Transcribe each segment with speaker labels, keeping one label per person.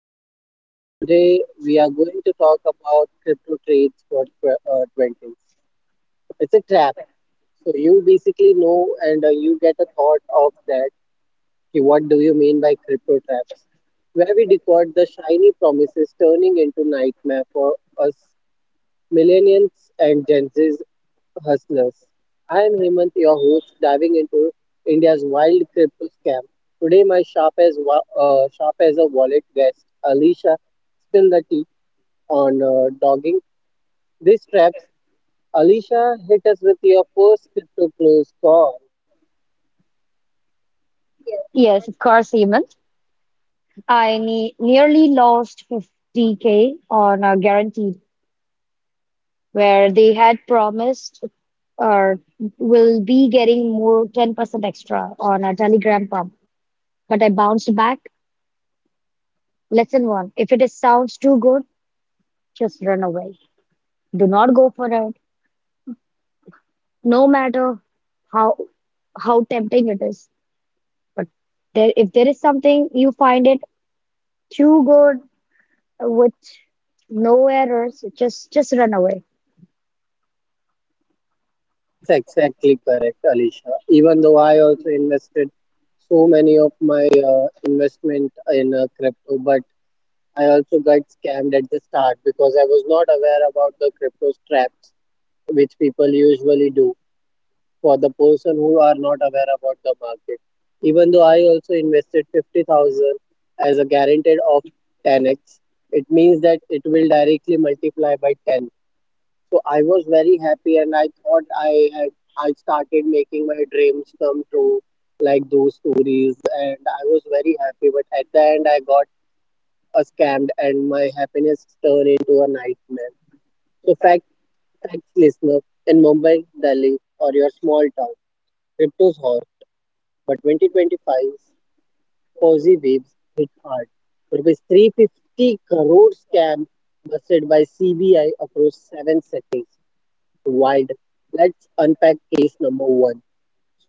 Speaker 1: podcast. Today, we are going to talk about crypto trades for 20s. It's a trap. So, you basically know and you get a thought of that. Ki What do you mean by crypto traps? Where we decode the shiny promises turning into nightmare for us millennials and Gen Zs. Hustlers. I am Hemant, your host, diving into India's wild crypto scam. Today, my sharp as a wallet guest, Alicia, spill the tea on dogging these traps. Alicia, hit us with your first crypto close call.
Speaker 2: Yes, of course, Hemant. I ne nearly lost 50K on a guarantee where they had promised or will be getting more 10% extra on a Telegram pump. But I bounced back. Lesson one, if it sounds too good, just run away. Do not go for it, no matter how how tempting it is. But if there is something you find it too good with no errors, just run away.
Speaker 1: That's exactly correct, Alicia. Even though I also invested so many of my investment in crypto, but I also got scammed at the start because I was not aware about the crypto traps, which people usually do for the person who are not aware about the market. Even though I also invested 50,000 as a guaranteed of 10x, it means that it will directly multiply by 10. So I was very happy and I thought I had I started making my dreams come true like those stories, and I was very happy, but at the end I got a scammed and my happiness turned into a nightmare. So fact Thanks, listener. In Mumbai, Delhi, or your small town, crypto's hot, but 2025's Ponzi waves hit hard. Rupees 350 crore scam busted by CBI across seven cities. Wild. Let's unpack case number one.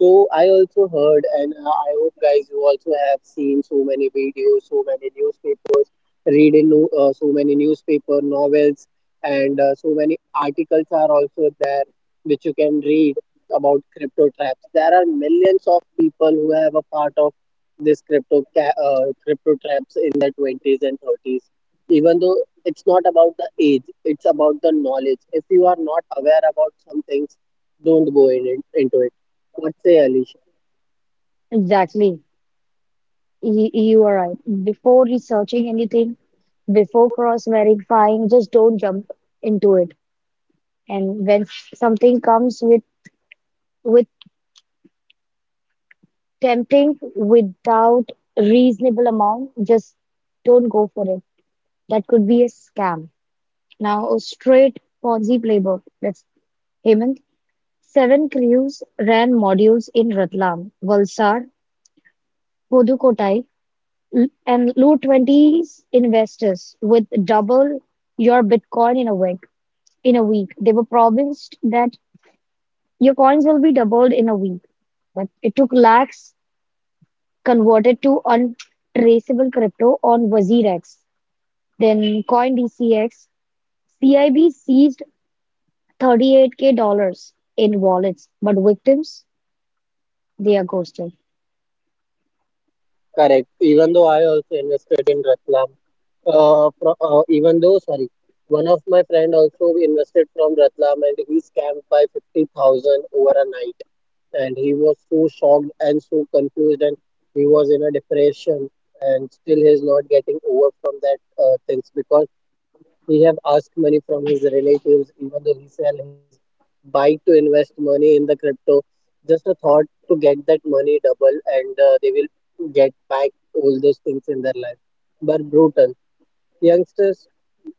Speaker 1: So I also heard, and I hope guys you also have seen so many videos, so many newspapers, so many newspaper novels, and so many articles are also there which you can read about crypto traps. There are millions of people who have a part of this crypto traps in their twenties and thirties. Even though it's not about the age, it's about the knowledge. If you are not aware about some things, don't go into it. What say, Alicia?
Speaker 2: Exactly. You are right. Before researching anything, before cross verifying, just don't jump into it. And when something comes with tempting without reasonable amount, just don't go for it. That could be a scam. Now, a straight Ponzi playbook. That's Hemant. Seven crews ran modules in Ratlam, Valsad, Pudukkottai, and low 20s investors with double your Bitcoin in a week. In a week, they were promised that your coins will be doubled in a week, but it took lakhs converted to untraceable crypto on WazirX, then CoinDCX. CIB seized 38K dollars in wallets, but victims they are ghosted.
Speaker 1: Correct. Even though I also invested in Ratlam, even though, sorry, one of my friend also invested from Ratlam and he scammed by 50,000 over a night. And he was so shocked and so confused and he was in a depression, and still he is not getting over from that things, because he have asked money from his relatives, even though he sell his bike to invest money in the crypto. Just a thought to get that money double, and they will get back all those things in their life. But brutal youngsters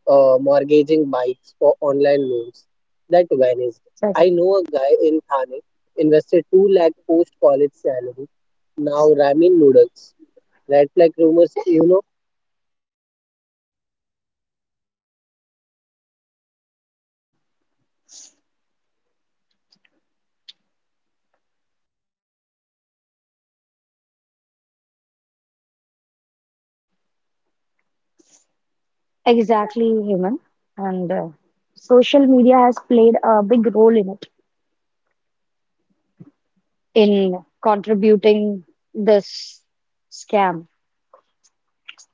Speaker 1: mortgaging bikes for online loans that vanished.
Speaker 2: So
Speaker 1: I know a guy in Thane invested 2 lakh post college salary. Now ramen noodles, red flag rumors. You know.
Speaker 2: exactly, human and social media has played a big role in it in contributing this scam.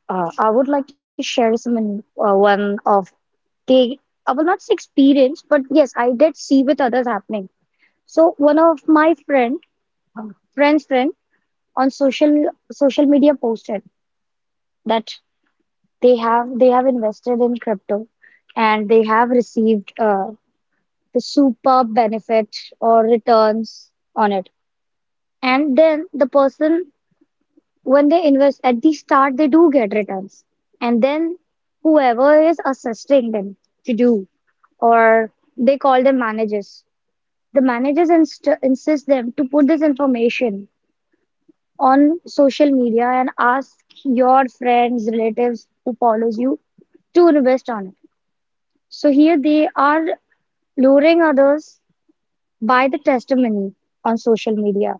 Speaker 2: I would like to share one of the I will not say experience, but yes, I did see with others happening. So one of my friend's friend on social media posted that they have invested in crypto and they have received the superb benefit or returns on it. And then the person, when they invest at the start, they do get returns. And then whoever is assisting them to do, or they call them managers, the managers insist them to put this information on social media and ask your friends, relatives who follows you to invest on it. So here they are luring others by the testimony on social media.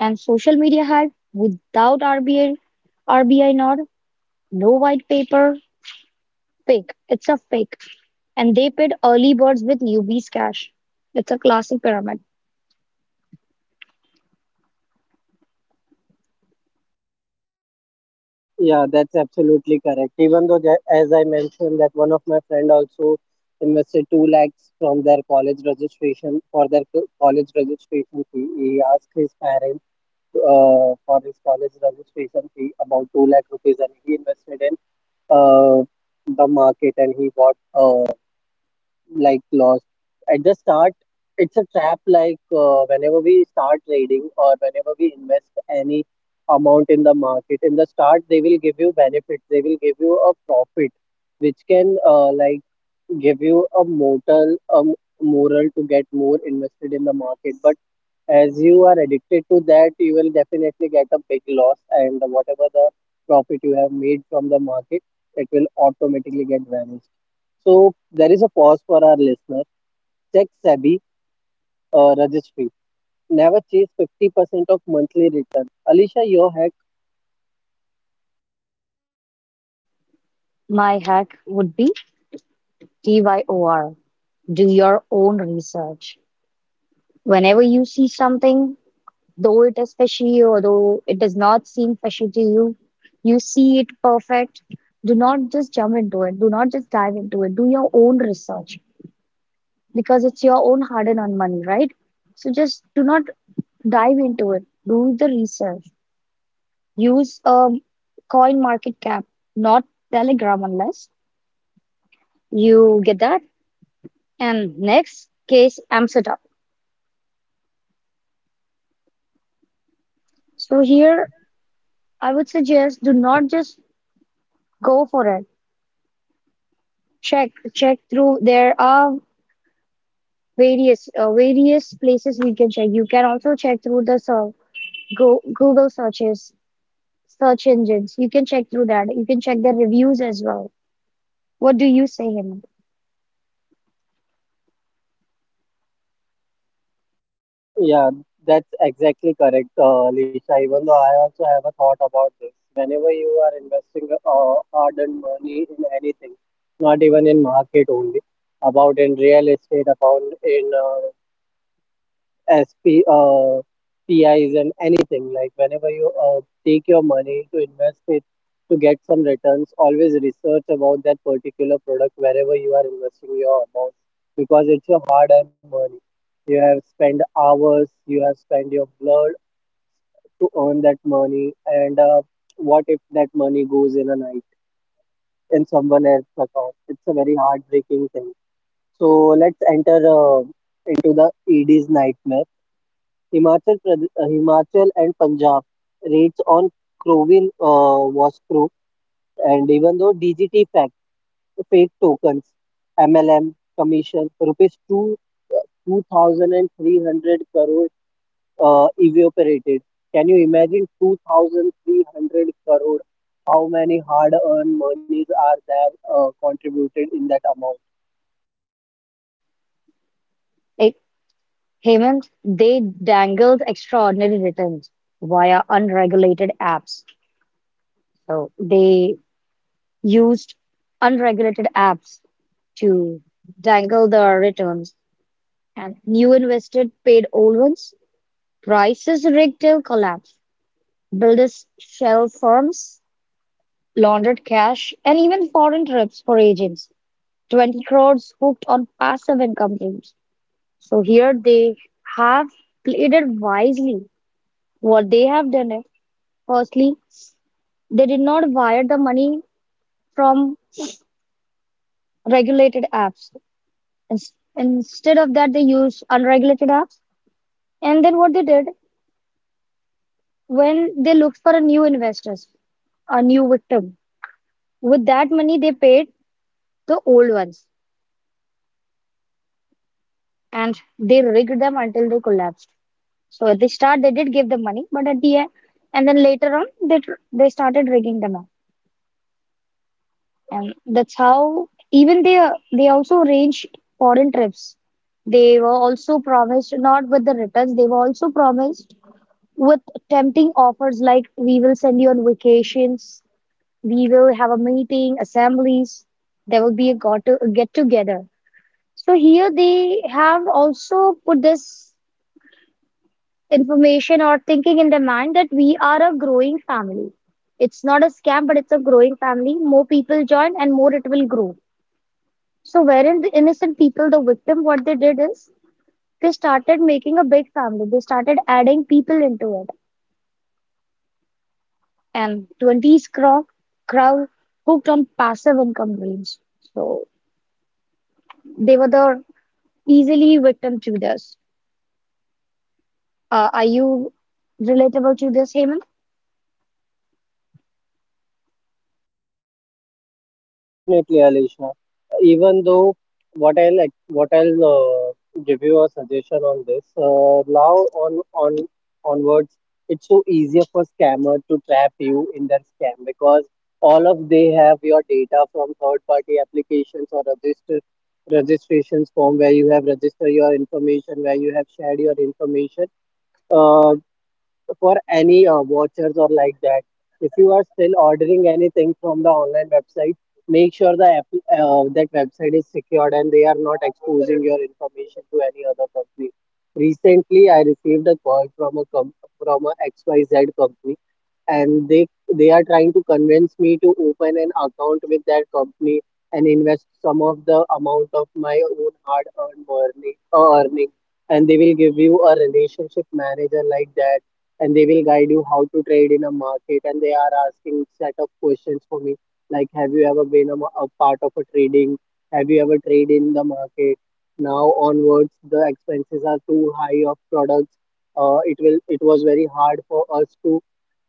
Speaker 2: And social media had, without RBI nor no white paper, fake. It's a fake. And they paid early birds with newbies cash. It's a classic pyramid.
Speaker 1: Yeah, that's absolutely correct. Even though, that, as I mentioned, that one of my friend also invested 2 lakhs from their college registration for their college registration fee. He asked his parents for his college registration fee about 2 lakh rupees, and he invested in uh, the market and he bought. Like lost at the start, it's a trap, like whenever we start trading or whenever we invest any amount in the market, in the start they will give you benefits, they will give you a profit which can like give you a mortal moral to get more invested in the market, but as you are addicted to that, you will definitely get a big loss, and whatever the profit you have made from the market, it will automatically get vanished. So there is a pause for our listener. Check SEBI registry. Never chase 50% of monthly return. Alicia, your hack.
Speaker 2: My hack would be TYOR. Do your own research. Whenever you see something, though it is fishy or though it does not seem fishy to you, you see it perfect. Do not just jump into it. Do not just dive into it. Do your own research, because it's your own hard-earned money, right? So just do not dive into it. Do the research. Use a coin market cap, not Telegram unless you get that. And next case, Amsterdam. So here I would suggest do not just go for it. Check through. There are various places we can check. You can also check through the go Google searches, search engines. You can check through that. You can check the reviews as well. What do you say, Hemant?
Speaker 1: Yeah, that's exactly correct, Lisha. Even though I also have a thought about this. Whenever you are investing hard-earned money in anything, not even in market only, about in real estate, about in SP, PIs, and anything. Like whenever you take your money to invest it to get some returns, always research about that particular product wherever you are investing your amount, because it's your hard-earned money. You have spent hours, you have spent your blood to earn that money, and what if that money goes in a night in someone else's account? It's a very heartbreaking thing. So let's enter into the ED's nightmare. Himachal Himachal and Punjab rates on Crovin was true, and even though DGT fact, fake tokens, MLM commission, rupees two thousand and three hundred crore evaporated. Can you imagine 2,300 crore? How many hard-earned monies are there contributed in that amount?
Speaker 2: Like, Heyman, they dangled extraordinary returns via unregulated apps. So they used unregulated apps to dangle their returns, and new invested paid old ones. Prices rigged till collapse. Builders shell firms, laundered cash, and even foreign trips for agents. 20 crores hooked on passive income claims. So here they have played it wisely. What they have done is, firstly, they did not wire the money from regulated apps. Instead of that, they used unregulated apps. And then what they did, when they looked for a new investors, a new victim, with that money they paid the old ones and they rigged them until they collapsed. So at the start they did give the money, but at the end, and then later on they started rigging them up, and that's how even they also arranged foreign trips. They were also promised, not with the returns, they were also promised with tempting offers like, we will send you on vacations, we will have a meeting, assemblies, there will be a get together. So here they have also put this information or thinking in their mind that we are a growing family. It's not a scam, but it's a growing family. More people join and more it will grow. So wherein the innocent people the victim? What they did is they started making a big family. They started adding people into it. And 20s crowd hooked on passive income dreams. So they were the easily victim to this. Are you relatable to this, Hemant?
Speaker 1: Definitely, Alisha. Even though what I'll give you a suggestion on this. Now on onwards, it's so easier for scammer to trap you in their scam, because all of they have your data from third party applications or register registrations form where you have registered your information, where you have shared your information. Uh, for any vouchers or like that. If you are still ordering anything from the online website, make sure the app, that website is secured and they are not exposing your information to any other company. Recently, I received a call from a from a XYZ company, and they are trying to convince me to open an account with that company and invest some of the amount of my own hard earned earning, earning, and they will give you a relationship manager like that, and they will guide you how to trade in a market, and they are asking set of questions for me like, have you ever been a part of a trading, have you ever traded in the market? Now onwards, the expenses are too high of products, it was very hard for us to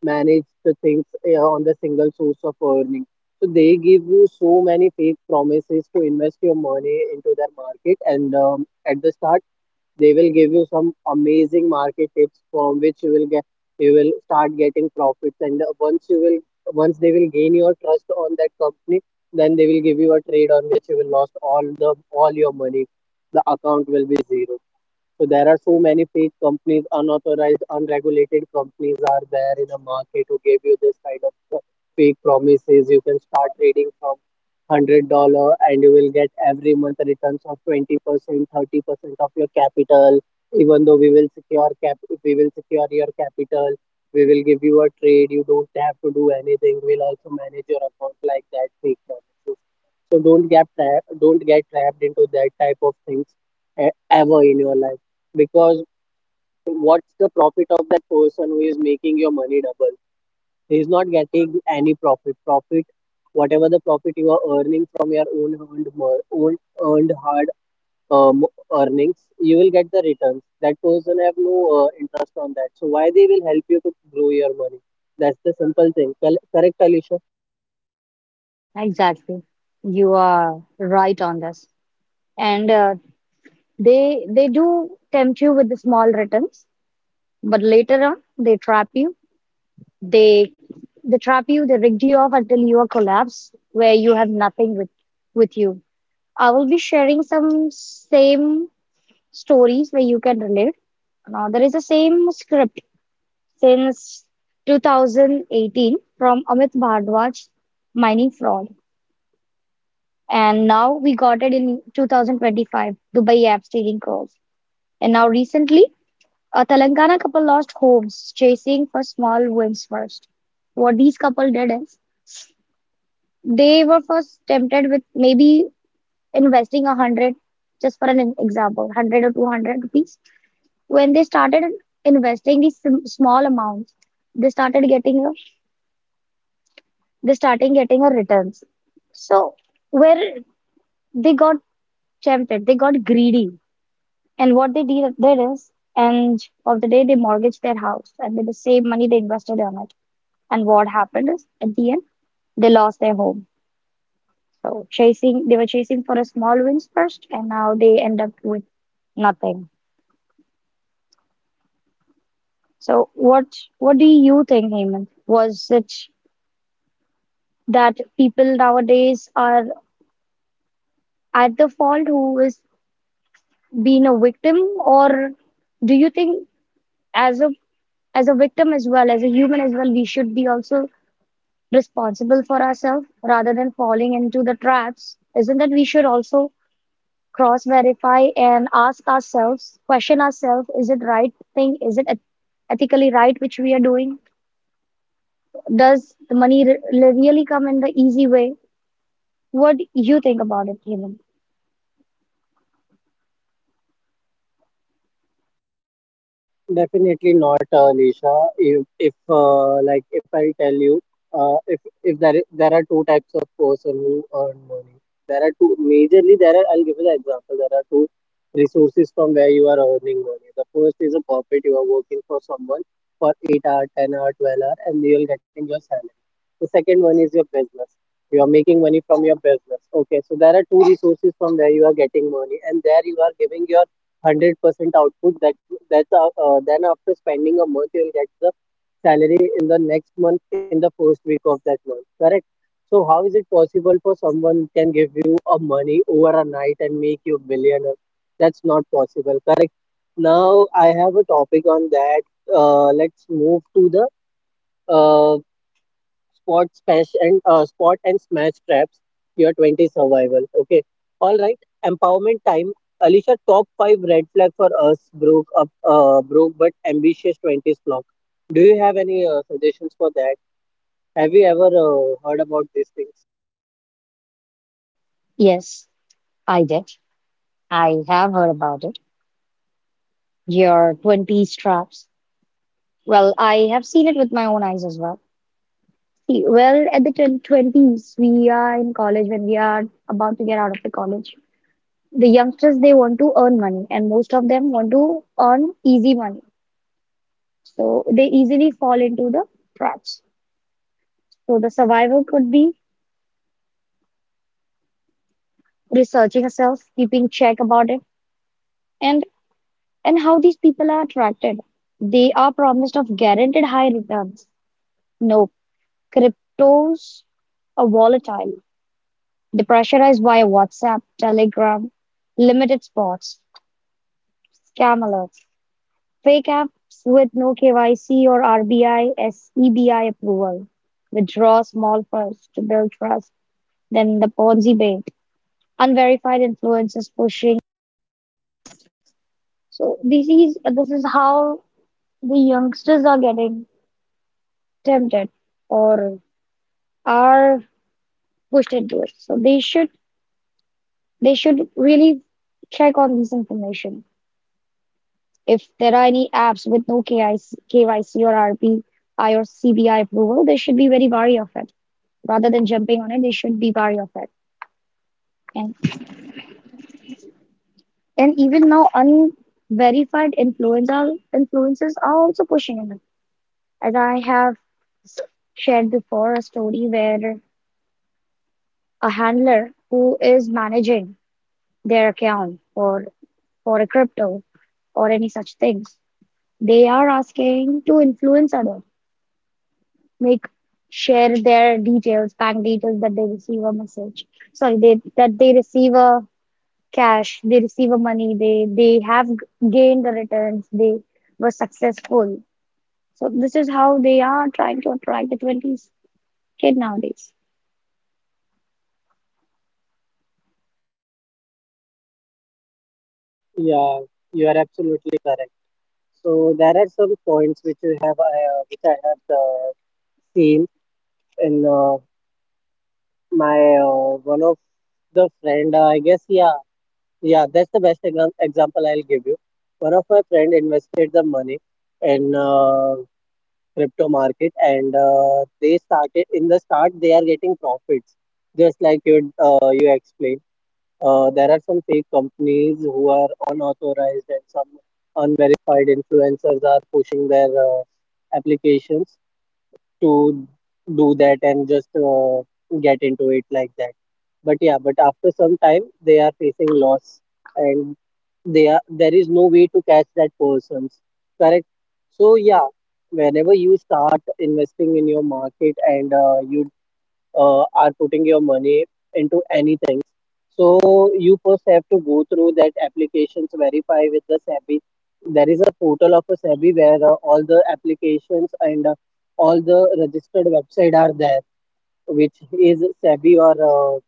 Speaker 1: manage the things on the single source of earning. So they give you so many fake promises to invest your money into their market, and at the start they will give you some amazing market tips from which you will start getting profits, and once they will gain your trust on that company, then they will give you a trade on which you will lost all your money. The account will be zero. So there are so many fake companies, unauthorized, unregulated companies are there in the market who give you this kind of fake promises. You can start trading from $100 and you will get every month returns of 20%, 30% of your capital. Even though we will secure your capital. We will give you a trade. You don't have to do anything. We'll also manage your account like that. Fake promises. So don't get trapped into that type of things e- ever in your life, because what's the profit of that person who is making your money double? He is not getting any profit. Profit, whatever the profit you are earning from your own earned hard um, earnings, you will get the returns. That person have no interest on that. So why they will help you to grow your money? That's the simple thing. Correct, Alicia?
Speaker 2: Exactly. You are right on this. And they do tempt you with the small returns, but later on they trap you. They they trap you, they rigged you off until you are collapsed, where you have nothing with you. I will be sharing some same stories where you can relate. Now there is the same script since 2018 from Amit Bhardwaj, mining fraud, and now we got it in 2025, Dubai app stealing calls, and now recently a Telangana couple lost homes chasing for small wins first. What these couple did is, they were first tempted with maybe investing 100, just for an example, 100 or 200 rupees. When they started investing these small amounts, they started getting they starting getting a returns. So where they got tempted, they got greedy. And what did is, and of the day they mortgaged their house and with the same money they invested on it. And what happened is, at the end, they lost their home. So they were chasing for the small wins first, and now they end up with nothing. So what do you think, Hemant? Was it that people nowadays are at the fault who is being a victim, or do you think, as a victim as well, as a human as well, we should be also responsible for ourselves rather than falling into the traps? Isn't that we should also cross-verify and ask ourselves, question ourselves, is it right thing? Is it ethically right which we are doing? Does the money really come in the easy way? What do you think about it, Hemant?
Speaker 1: Definitely not, Lisha. If Like if I tell you, if there I- there are two types of person who earn money. There are two majorly. There are. I'll give you the example. There are two resources from where you are earning money. The first is a corporate. You are working for someone for 8 hour, 10 hour, 12 hour, and you are getting your salary. The second one is your business. You are making money from your business. Okay, so there are two resources from where you are getting money, and there you are giving your 100% output, that that's then after spending a month you'll get the salary in the next month in the first week of that month, correct? So how is it possible for someone can give you a money over a night and make you billionaire? That's not possible, correct? Now I have a topic on that. Let's move to the uh, spot and smash traps. Your 20 survival, okay? All right. Empowerment time. Alicia, top 5 red flag for us broke but ambitious 20s block, do you have any suggestions for that? Have you ever heard about these things?
Speaker 2: Yes, I did. I have heard about it. Your 20 straps. Well, I have seen it with my own eyes as well. See, well, at the 20s, we are in college when we are about to get out of the college. The youngsters, they want to earn money, and most of them want to earn easy money. So they easily fall into the traps. So the survivor could be researching herself, keeping check about it, and and how these people are attracted. They are promised of guaranteed high returns. No, cryptos are volatile. They pressurize via WhatsApp, Telegram, limited spots, scam alerts, fake apps with no KYC or RBI, SEBI approval. Withdraw small first to build trust, then the Ponzi bank. Unverified influences pushing. So this is how the youngsters are getting tempted or are pushed into it. So they should really check on this information. If there are any apps with no KYC or RPI or CBI approval, they should be very. Rather than jumping on it, they should be wary of it. And and even now unverified influencer influences are also pushing it. As I have shared before, a story where a handler who is managing their account or for a crypto or any such things, they are asking to influence others, make share their details, bank details that they receive a message. Sorry, they that they receive a cash, they receive a money, they have gained the returns, they were successful. So this is how they are trying to attract the 20s kid nowadays.
Speaker 1: Yeah, you are absolutely correct. So there are some points which you have which I have seen in my, one of the friend, I guess. Yeah. Yeah, that's the best example I'll give you. One of my friend invested the money in crypto market, and they started in the start they are getting profits, just like you you explained. There are some fake companies who are unauthorized, and some unverified influencers are pushing their applications to do that and just get into it like that. But yeah, but after some time, they are facing loss and they are there is no way to catch that persons. Correct. So yeah, whenever you start investing in your market and you are putting your money into anything. So you first have to go through that applications, verify with the SEBI. There is a portal of a SEBI where all the applications and all the registered website are there, which is SEBI or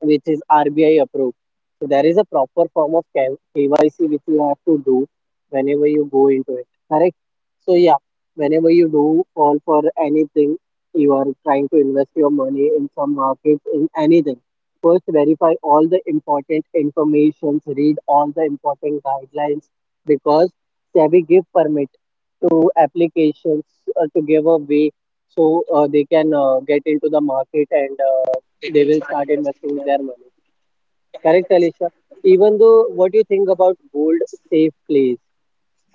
Speaker 1: which is RBI approved. So there is a proper form of KYC which you have to do whenever you go into it. Correct? So yeah, whenever you do fall for anything, you are trying to invest your money in some markets in anything. First, verify all the important informations, read all the important guidelines because SEBI give permit to applications to give a way so they can get into the market and they will start investing their money. Correct, Alisha? Even though, what do you think about gold safe plays?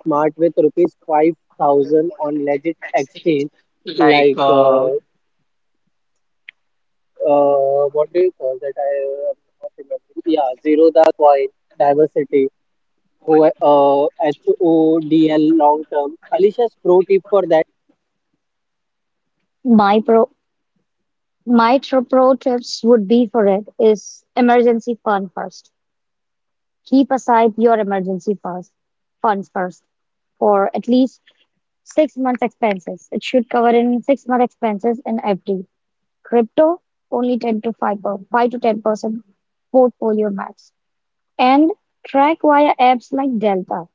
Speaker 1: Smart with rupees 5,000 on legit exchange, like what do you call that? I am not remembering. Yeah, Zero the Coin, Diversity, HODL long term. Alisha's pro tip for that.
Speaker 2: My pro my pro tips would be for it is emergency fund first. Keep aside your funds first for at least 6 months expenses. It should cover in 6 month expenses in FD. Crypto only 10 to 5 per, 5 to 10% portfolio max. And track via apps like Delta,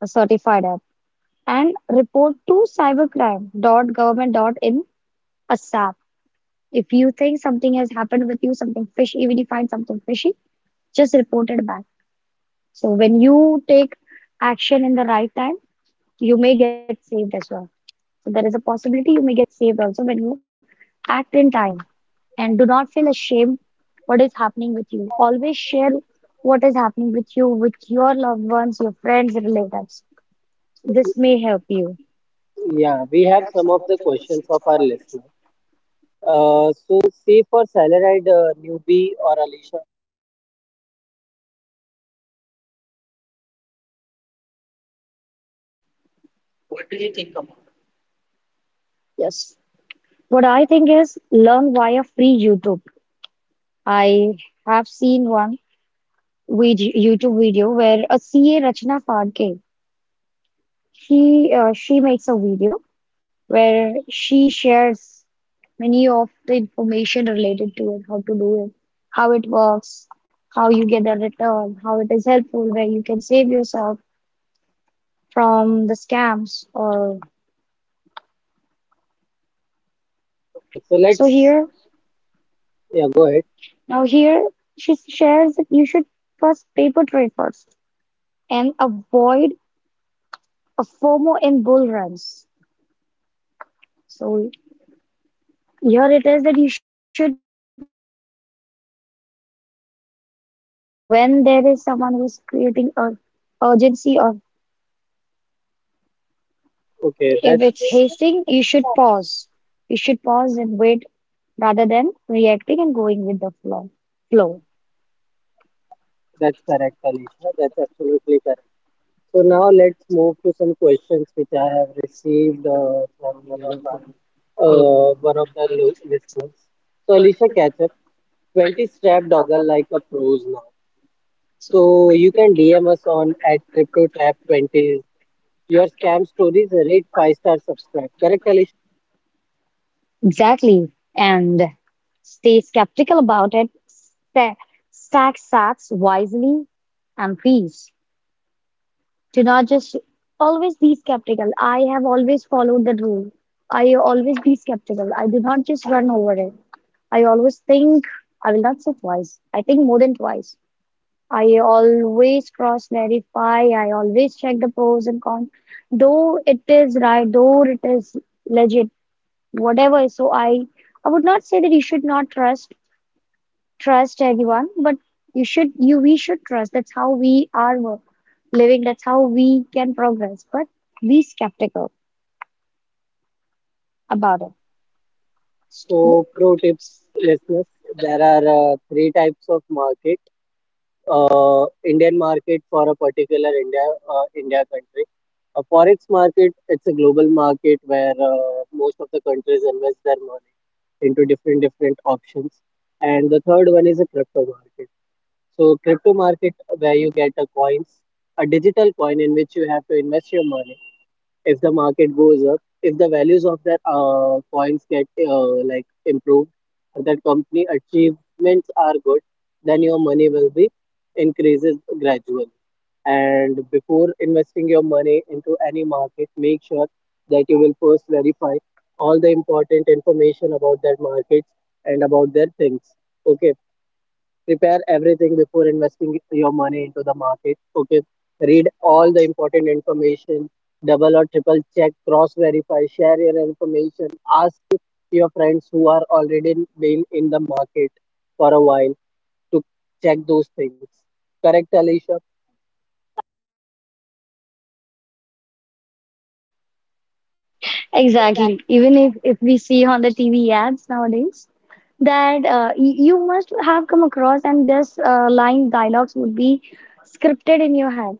Speaker 2: a certified app, and report to cybercrime dot government dot in ASAP. If you think something has happened with you, something fishy, even if you find something fishy, just report it back. So when you take action in the right time, you may get saved as well. So there is a possibility you may get saved also when you act in time, and do not feel ashamed what is happening with you. Always share what is happening with you, with your loved ones, your friends, relatives. This may help you.
Speaker 1: Yeah, we have some of the questions of our listeners. So, say for salaried newbie or Alisha.
Speaker 2: Yes. What I think is learn via free YouTube. I have seen one video, YouTube video where a C A Rachna Phadke, she makes a video where she shares many of the information related to it, how to do it, how it works, how you get a return, how it is helpful, where you can save yourself from the scams or
Speaker 1: Okay, so
Speaker 2: so
Speaker 1: let's.
Speaker 2: here
Speaker 1: Yeah, go ahead.
Speaker 2: now here she shares that you should first paper trade first and avoid a FOMO in bull runs. So here it is that you should not haste, you should not be running, you should be going slow. When there is someone who's creating a urgency or
Speaker 1: Okay,
Speaker 2: if it's hasting, you should pause. You should pause and wait rather than reacting and going with the flow. Flow.
Speaker 1: that's correct, Alisha. That's absolutely correct. So now let's move to some questions which I have received from one of our one of the listeners. So Alisha, catch up. 20 strap Dogger like a pros now. So you can DM us on at crypto trap 20. Your scam stories rate five-star subscribe. Correct, Alisha.
Speaker 2: Exactly. And stay skeptical about it. Sta Stack sats wisely and peace. Do not just always be skeptical. I have always followed that rule. I always be skeptical. I do not just run over it. I always think, I will not say twice. I think more than twice. I always cross verify. I always check the pros and cons. Though it is right, though it is legit, whatever. So I would not say that you should not trust everyone, but you should you we should trust. That's how we are living. That's how we can progress. But be skeptical about it.
Speaker 1: So pro tips, listeners. There are three types of market. Indian market for a particular India country. A forex market, it's a global market where most of the countries invest their money into different different options. And the third one is a crypto market. So crypto market where you get a coins, a digital coin in which you have to invest your money if the market goes up, if the values of that coins get like improved, or that company achievements are good, then your money will be increases gradually. And before investing your money into any market, make sure that you will first verify all the important information about that market and about their things. Okay, prepare everything before investing your money into the market. Okay, read all the important information, double or triple check, cross verify, share your information, ask your friends who are already been in the market for a while to check those things. Correct, Alicia?
Speaker 2: Exactly. Even if we see on the TV ads nowadays that you must have come across, and this line dialogues would be scripted in your head.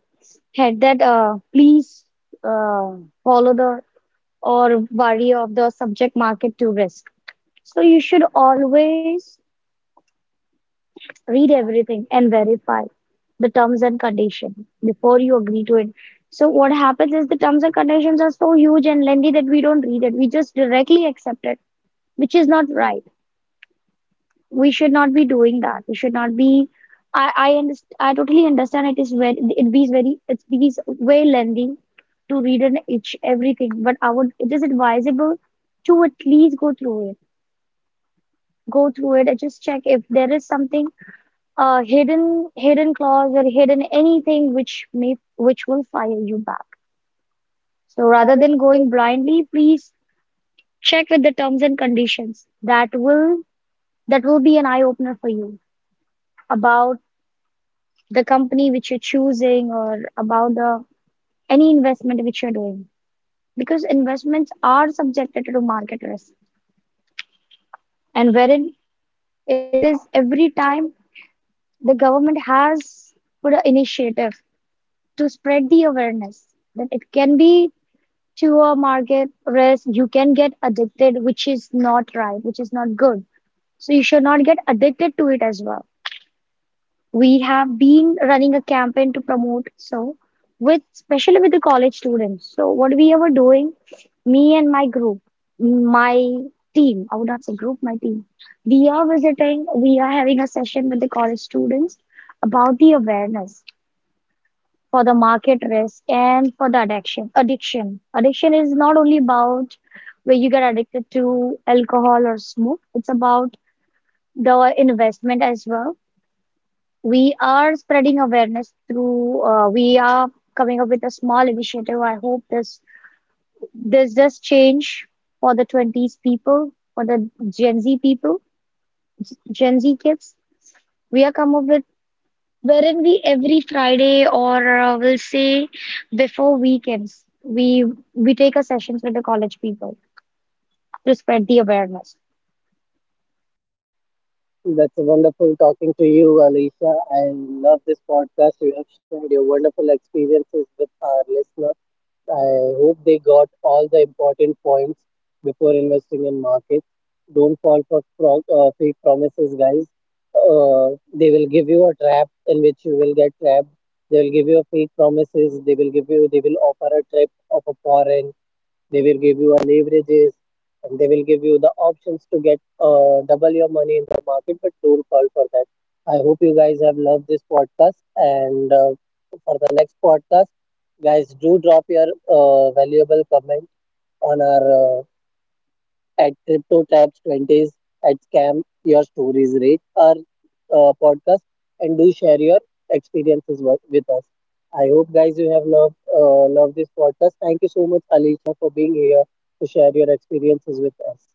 Speaker 2: Head that please uh, follow the or worry of the subject market to risk. So you should always read everything and verify the terms and condition before you agree to it. So what happens is the terms and conditions are so huge and lengthy that we don't read it. We just directly accept it, which is not right. We should not be doing that. We should not be. I understand. I totally understand. It is very. It be very. It's be way lengthy to read and each everything. But I would. It is advisable to at least go through it. Go through it and just check if there is something hidden clause or hidden anything which may which will fire you back. So rather than going blindly, please check with the terms and conditions. That will be an eye opener for you about the company which you're choosing or about the any investment which you're doing because investments are subjected to market risk and wherein it is every time the government has put an initiative to spread the awareness that it can be to a market risk you can get addicted which is not right which is not good. So you should not get addicted to it as well. We have been running a campaign to promote, so with especially with the college students. So what we were doing, me and my group, my team, I would not say group, my team, we are visiting, we are having a session with the college students about the awareness for the market risk and for the addiction. Addiction is not only about where you get addicted to alcohol or smoke, it's about the investment as well. We are spreading awareness through, we are coming up with a small initiative. I hope this does change for the twenties people, for the gen z people, gen z kids. We are coming up with, wherein we every Friday or we'll say before weekends, we take a sessions with the college people to spread the awareness.
Speaker 1: That's wonderful talking to you, Alicia. I love this podcast. You have shared your wonderful experiences with our listeners. I hope they got all the important points before investing in markets. Don't fall for fake promises, guys. They will give you a trap in which you will get trapped. They will give you fake promises. They will give you. They will offer a trip of a foreign. They will give you a leverages and they will give you the options to get double your money in the market, but don't fall for that. I hope you guys have loved this podcast. And For the next podcast, guys, do drop your valuable comment on our at Crypto Tabs 20s, at Scam Your Stories Rate, our podcast, and do share your experiences with us. I hope, guys, you have loved this podcast. Thank you so much, Alicia, for being here to share your experiences with us.